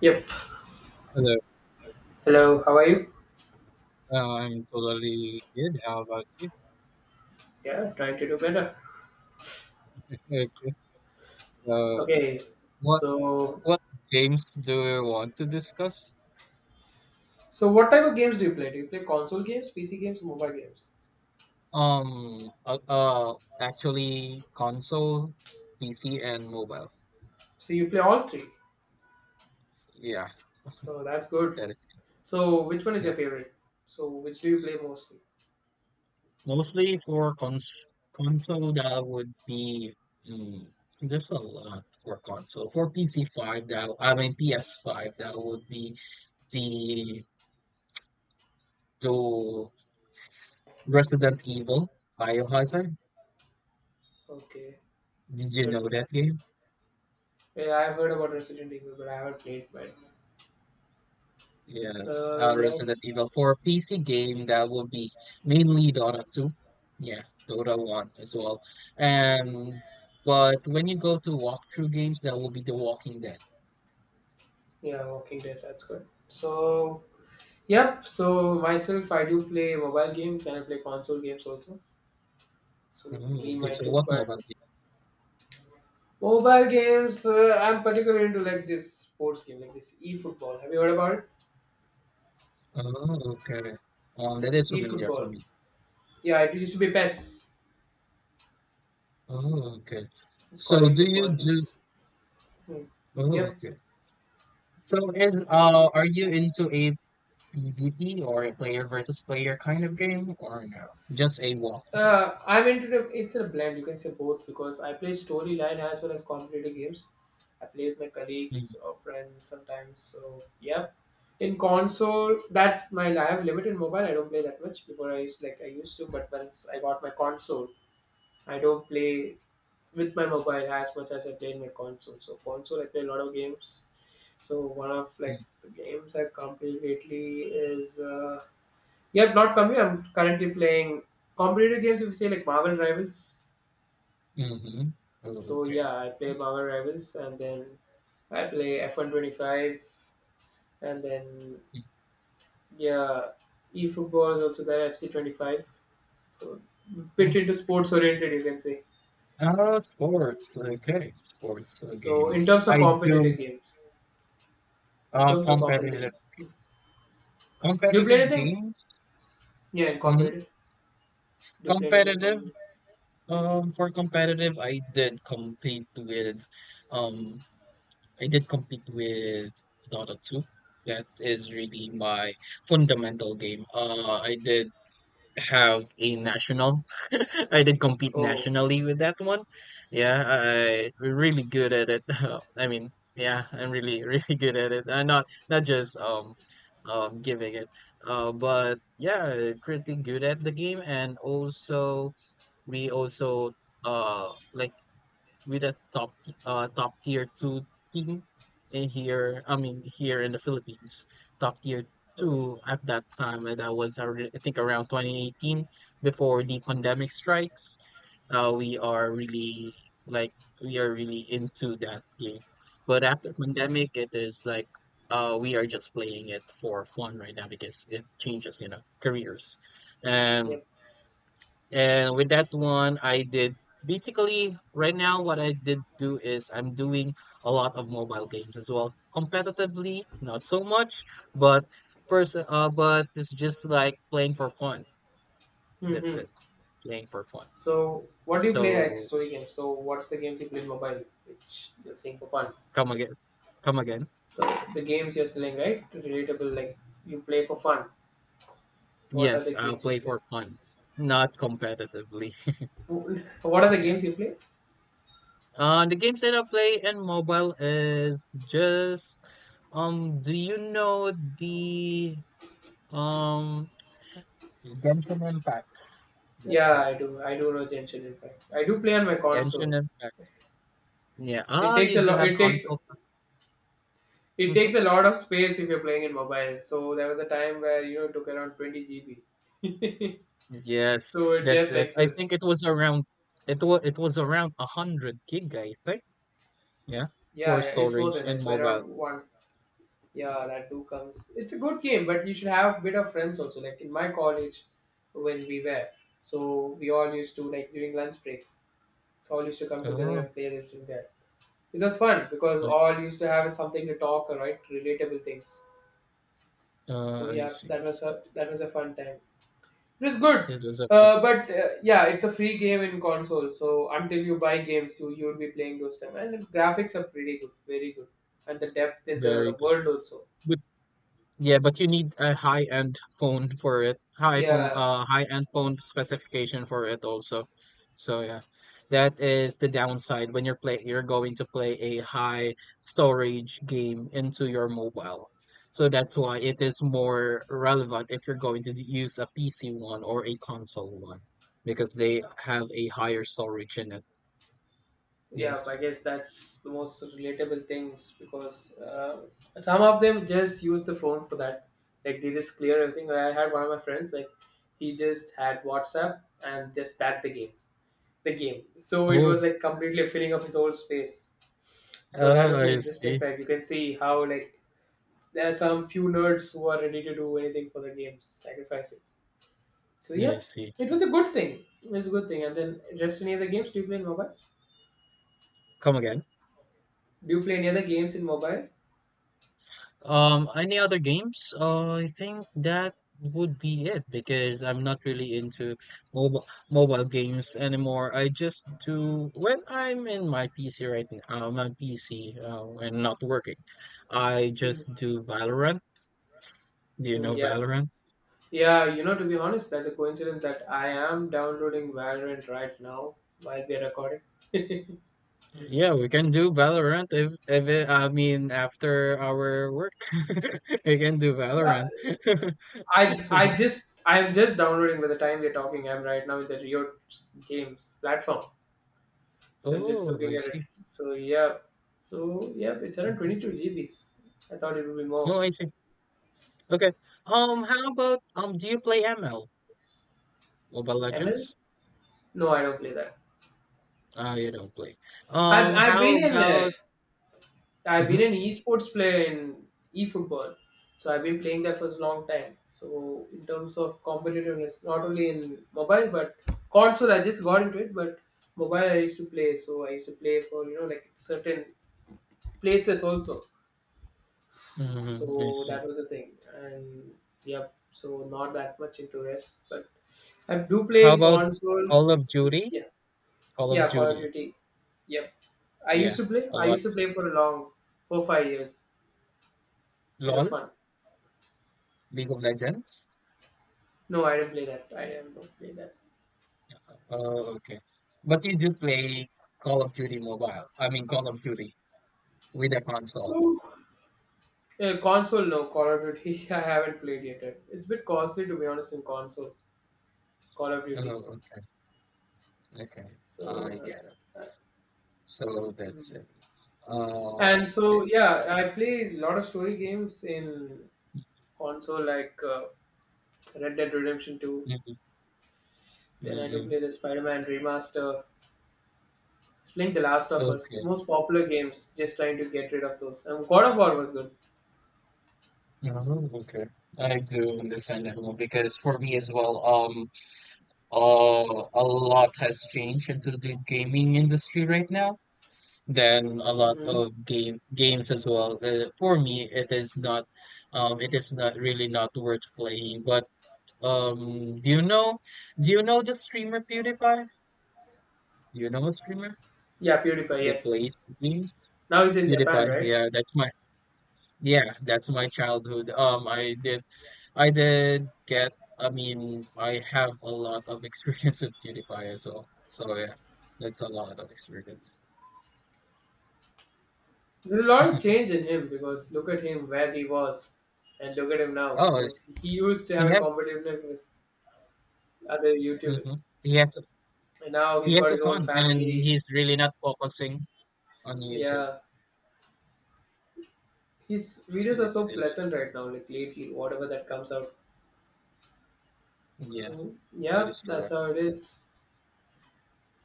Yep. Hello. Hello, how are you? I'm totally good. How about you? Yeah, trying to do better. Okay, okay. So, Okay. what So what games do you want to discuss? so what type of games do you play? Do you play console games, PC games, or mobile games? Actually, console, PC, and mobile. So you play all three. Yeah, So that's good. that is So which one is your yeah. favorite? So which do you play mostly? Mostly for console, that would be mm, there's a lot for console. For PC five, that I mean PS five, that would be the the Resident Evil, Biohazard. Okay. Did you Good. know that game? Yeah, I've heard about Resident Evil, but I haven't played. But Yes, uh, yeah, Resident Evil 4. PC game, that will be mainly Dota 2. Yeah, Dota 1 as well. And but when you go to walkthrough games, that will be The Walking Dead. yeah, Walking Dead. That's good. So yep. So myself, I do play mobile games and I play console games also. So me, Oh, okay. my So too. what But mobile game? mobile games, I'm particularly into like this sports game, like this e-football. Have you heard about it? Oh, okay. That is familiar for E-football. me. Yeah, it used to be PES. Oh, okay. It's called So do you e-football. do? It's hmm. Oh, Yep. okay. So is are you into a PvP, or a player versus player kind of game, or no? Just a walkthrough. I'm into it's a blend. You can say both because I play storyline as well as competitive games. I play with my Mhm. colleagues or friends sometimes. So yeah, in console, that's my I have limited mobile. I don't play that much before I used like I used to, but once I got my console, I don't play with my mobile as much as I played my console. So console, I play a lot of games. So one of like the games I completed lately is yeah, not completely. I'm currently playing competitive games. If you say like Marvel Rivals, Mm-hmm. Oh, so okay. yeah, I play Marvel Rivals, and then I play F1 125, and then yeah, eFootball is also there. FC 25. So bit Mhm. into sports oriented, you can say. Sports. Okay, Yes. sports So in games. terms of I competitive do games, in uh terms of competitive competitive do you play competitive anything? games. Yeah, in Hmm. competitive. Do you play anything Competitive. competitive? For competitive, Um, I did compete with Dota 2. That is really my fundamental game. I did have a national. I did compete Oh, nationally with that one. Yeah, I we're really good at it. I mean, yeah, I'm really really good at it. Not not just giving it. But yeah, pretty good at the game, and also we also uh like with a top tier two team in here. I mean here in the Philippines, top tier okay. two at that time, and that was I think around 2018, before the pandemic strikes. We are really like we are really into that game, but after pandemic, it is like. We are just playing it for fun right now because it changes, you know, careers. And Yep. With that one, I did basically right now what I did do is I'm doing a lot of mobile games as well. Competitively, not so much, but but it's just like playing for fun. That's Mm-hmm. it, playing for fun. So, what do you play at So story games? So, what's the games you play in mobile, which you're saying for fun? come again, come again. So, the games you're selling, right? Relatable, like you play for fun. What are Yes, the I'll games you play play? for fun, not competitively. What are the games Yes. you play? The games that I play in mobile is just Do you know the Um, Genshin Impact. That's Yeah, it. I do. I do know Genshin Impact. I do play on my Genshin console. Impact. Yeah. It Ah, takes you a do lot. have It takes console. it takes Mhm. a lot of space if you're playing in mobile. So there was a time where you know it took around 20 GB. Yes, So it that's gets it. I think excess. it was around it was around a hundred gig, I think. Yeah, Yeah, for yeah, it's more storage than that. and It's mobile. around one. Yeah, that two comes. It's a good game, but you should have a bit of friends also. Like in my college, when we were, so we all used to like during lunch breaks. It's all used to come together Oh, and play this thing there. It was fun because I, all used to have something to talk, right? Relatable things. So I yeah, see. That was a fun time. It is good, It was a fun, but yeah, it's a free game in console. So until you buy games, you would be playing those time. And the graphics are pretty good, very good, and the depth in the very good. world also. But yeah, but you need a high-end phone for it. Yeah, High-end phone specification for it also. So yeah, that is the downside when you're going to play a high storage game into your mobile. So that's why it is more relevant if you're going to use a PC one or a console one because they have a higher storage in it. yeah. I Yes. guess that's the most relatable things because some of them just use the phone for that. Like they just clear everything. I had one of my friends like he just had WhatsApp and just that the game. So it was Oh, like completely filling up his whole space. So that oh, was an I interesting see. fact. You can see how like there are some few nerds who are ready to do anything for the game, sacrifice it. So I yeah, see. it was a good thing. It was a good thing. And then rest any other games? Do you play in mobile? Come again. Do you play any other games in mobile? Any other games? I think that would be it because I'm not really into mobile games anymore. I just do when I'm in my PC right now, my PC and not working. I Mm. just do Valorant. Do you Mm, know yeah. Valorant? Yeah, you know, to be honest, that's a coincidence that I am downloading Valorant right now while we are recording. Yeah, we can do Valorant if it, I mean after our work, we can do Uh, Valorant. I just I am just downloading by the time we're talking. I'm right now in the Riot games platform. So I'm just Oh, looking I at it. see. So yeah, it's around Mhm. 22 GBs. I thought it would be more. Oh, I see. Okay. How about do you play ML, Mobile ML? Legends? No, I don't play that. You don't play. I've How been in about I've mm-hmm, been an esports player in eFootball, so I've been playing that for a long time. So in terms of competitiveness, not only in mobile but console, I just got into it. But mobile, I used to play. So I used to play for you know like certain places also. mm-hmm, I So see. that was the thing, and yep, so not that much into rest but I do play How in about console. Call of Duty? Yeah, Call of yeah, Call of Duty. Duty, yep. Yeah, a I lot. used to play for a long, for 5 years. It was LOL, fun. League of Legends. I didn't play that. Oh, okay. But you do play Call of Duty Mobile. I mean, Call of Duty with a console. Ooh. Yeah, console, no Call of Duty. I haven't played yet. It's a bit costly to be honest in console, Call of Duty. Oh, okay. Okay. So I get it. So that's mm. it. Uh, And so I, yeah, I play a lot of story games in. Also, like Red Dead Redemption 2. mm-hmm, Then I do mm-hmm. play the Spider Man remaster. It's playing The Last of Us, the Okay. most popular games, just trying to get rid of those. And God of War was good. Oh, okay. I do understand that more because for me as well, a lot has changed into the gaming industry right now. Then a lot Hmm. of games as well. For me, it is not really not worth playing. But um, do you know, do you know the streamer PewDiePie? Do you know a streamer Yeah, PewDiePie, that yes. plays games? Now he's in Japan, PewDiePie. right? Yeah, that's my childhood. I did I mean, I have a lot of experience with PewDiePie as well. So yeah, that's a lot of experience. There's a lot of change in him because look at him where he was and look at him now Oh, because he used to have he a has, competition with other YouTubers. hmm He has, And now he he's got has a his own son, and family. he's really not focusing on YouTube. Yeah. His So videos are it's so really, pleasant right now, like lately, whatever that comes out. yeah, So, that yeah, is that's correct. how it is.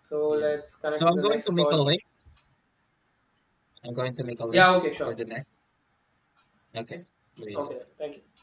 So, Yeah. let's connect So to I'm the going next to make a call. link. I'm going to make a link Yeah, okay, for sure. the next. Okay. Wait. Okay, thank you.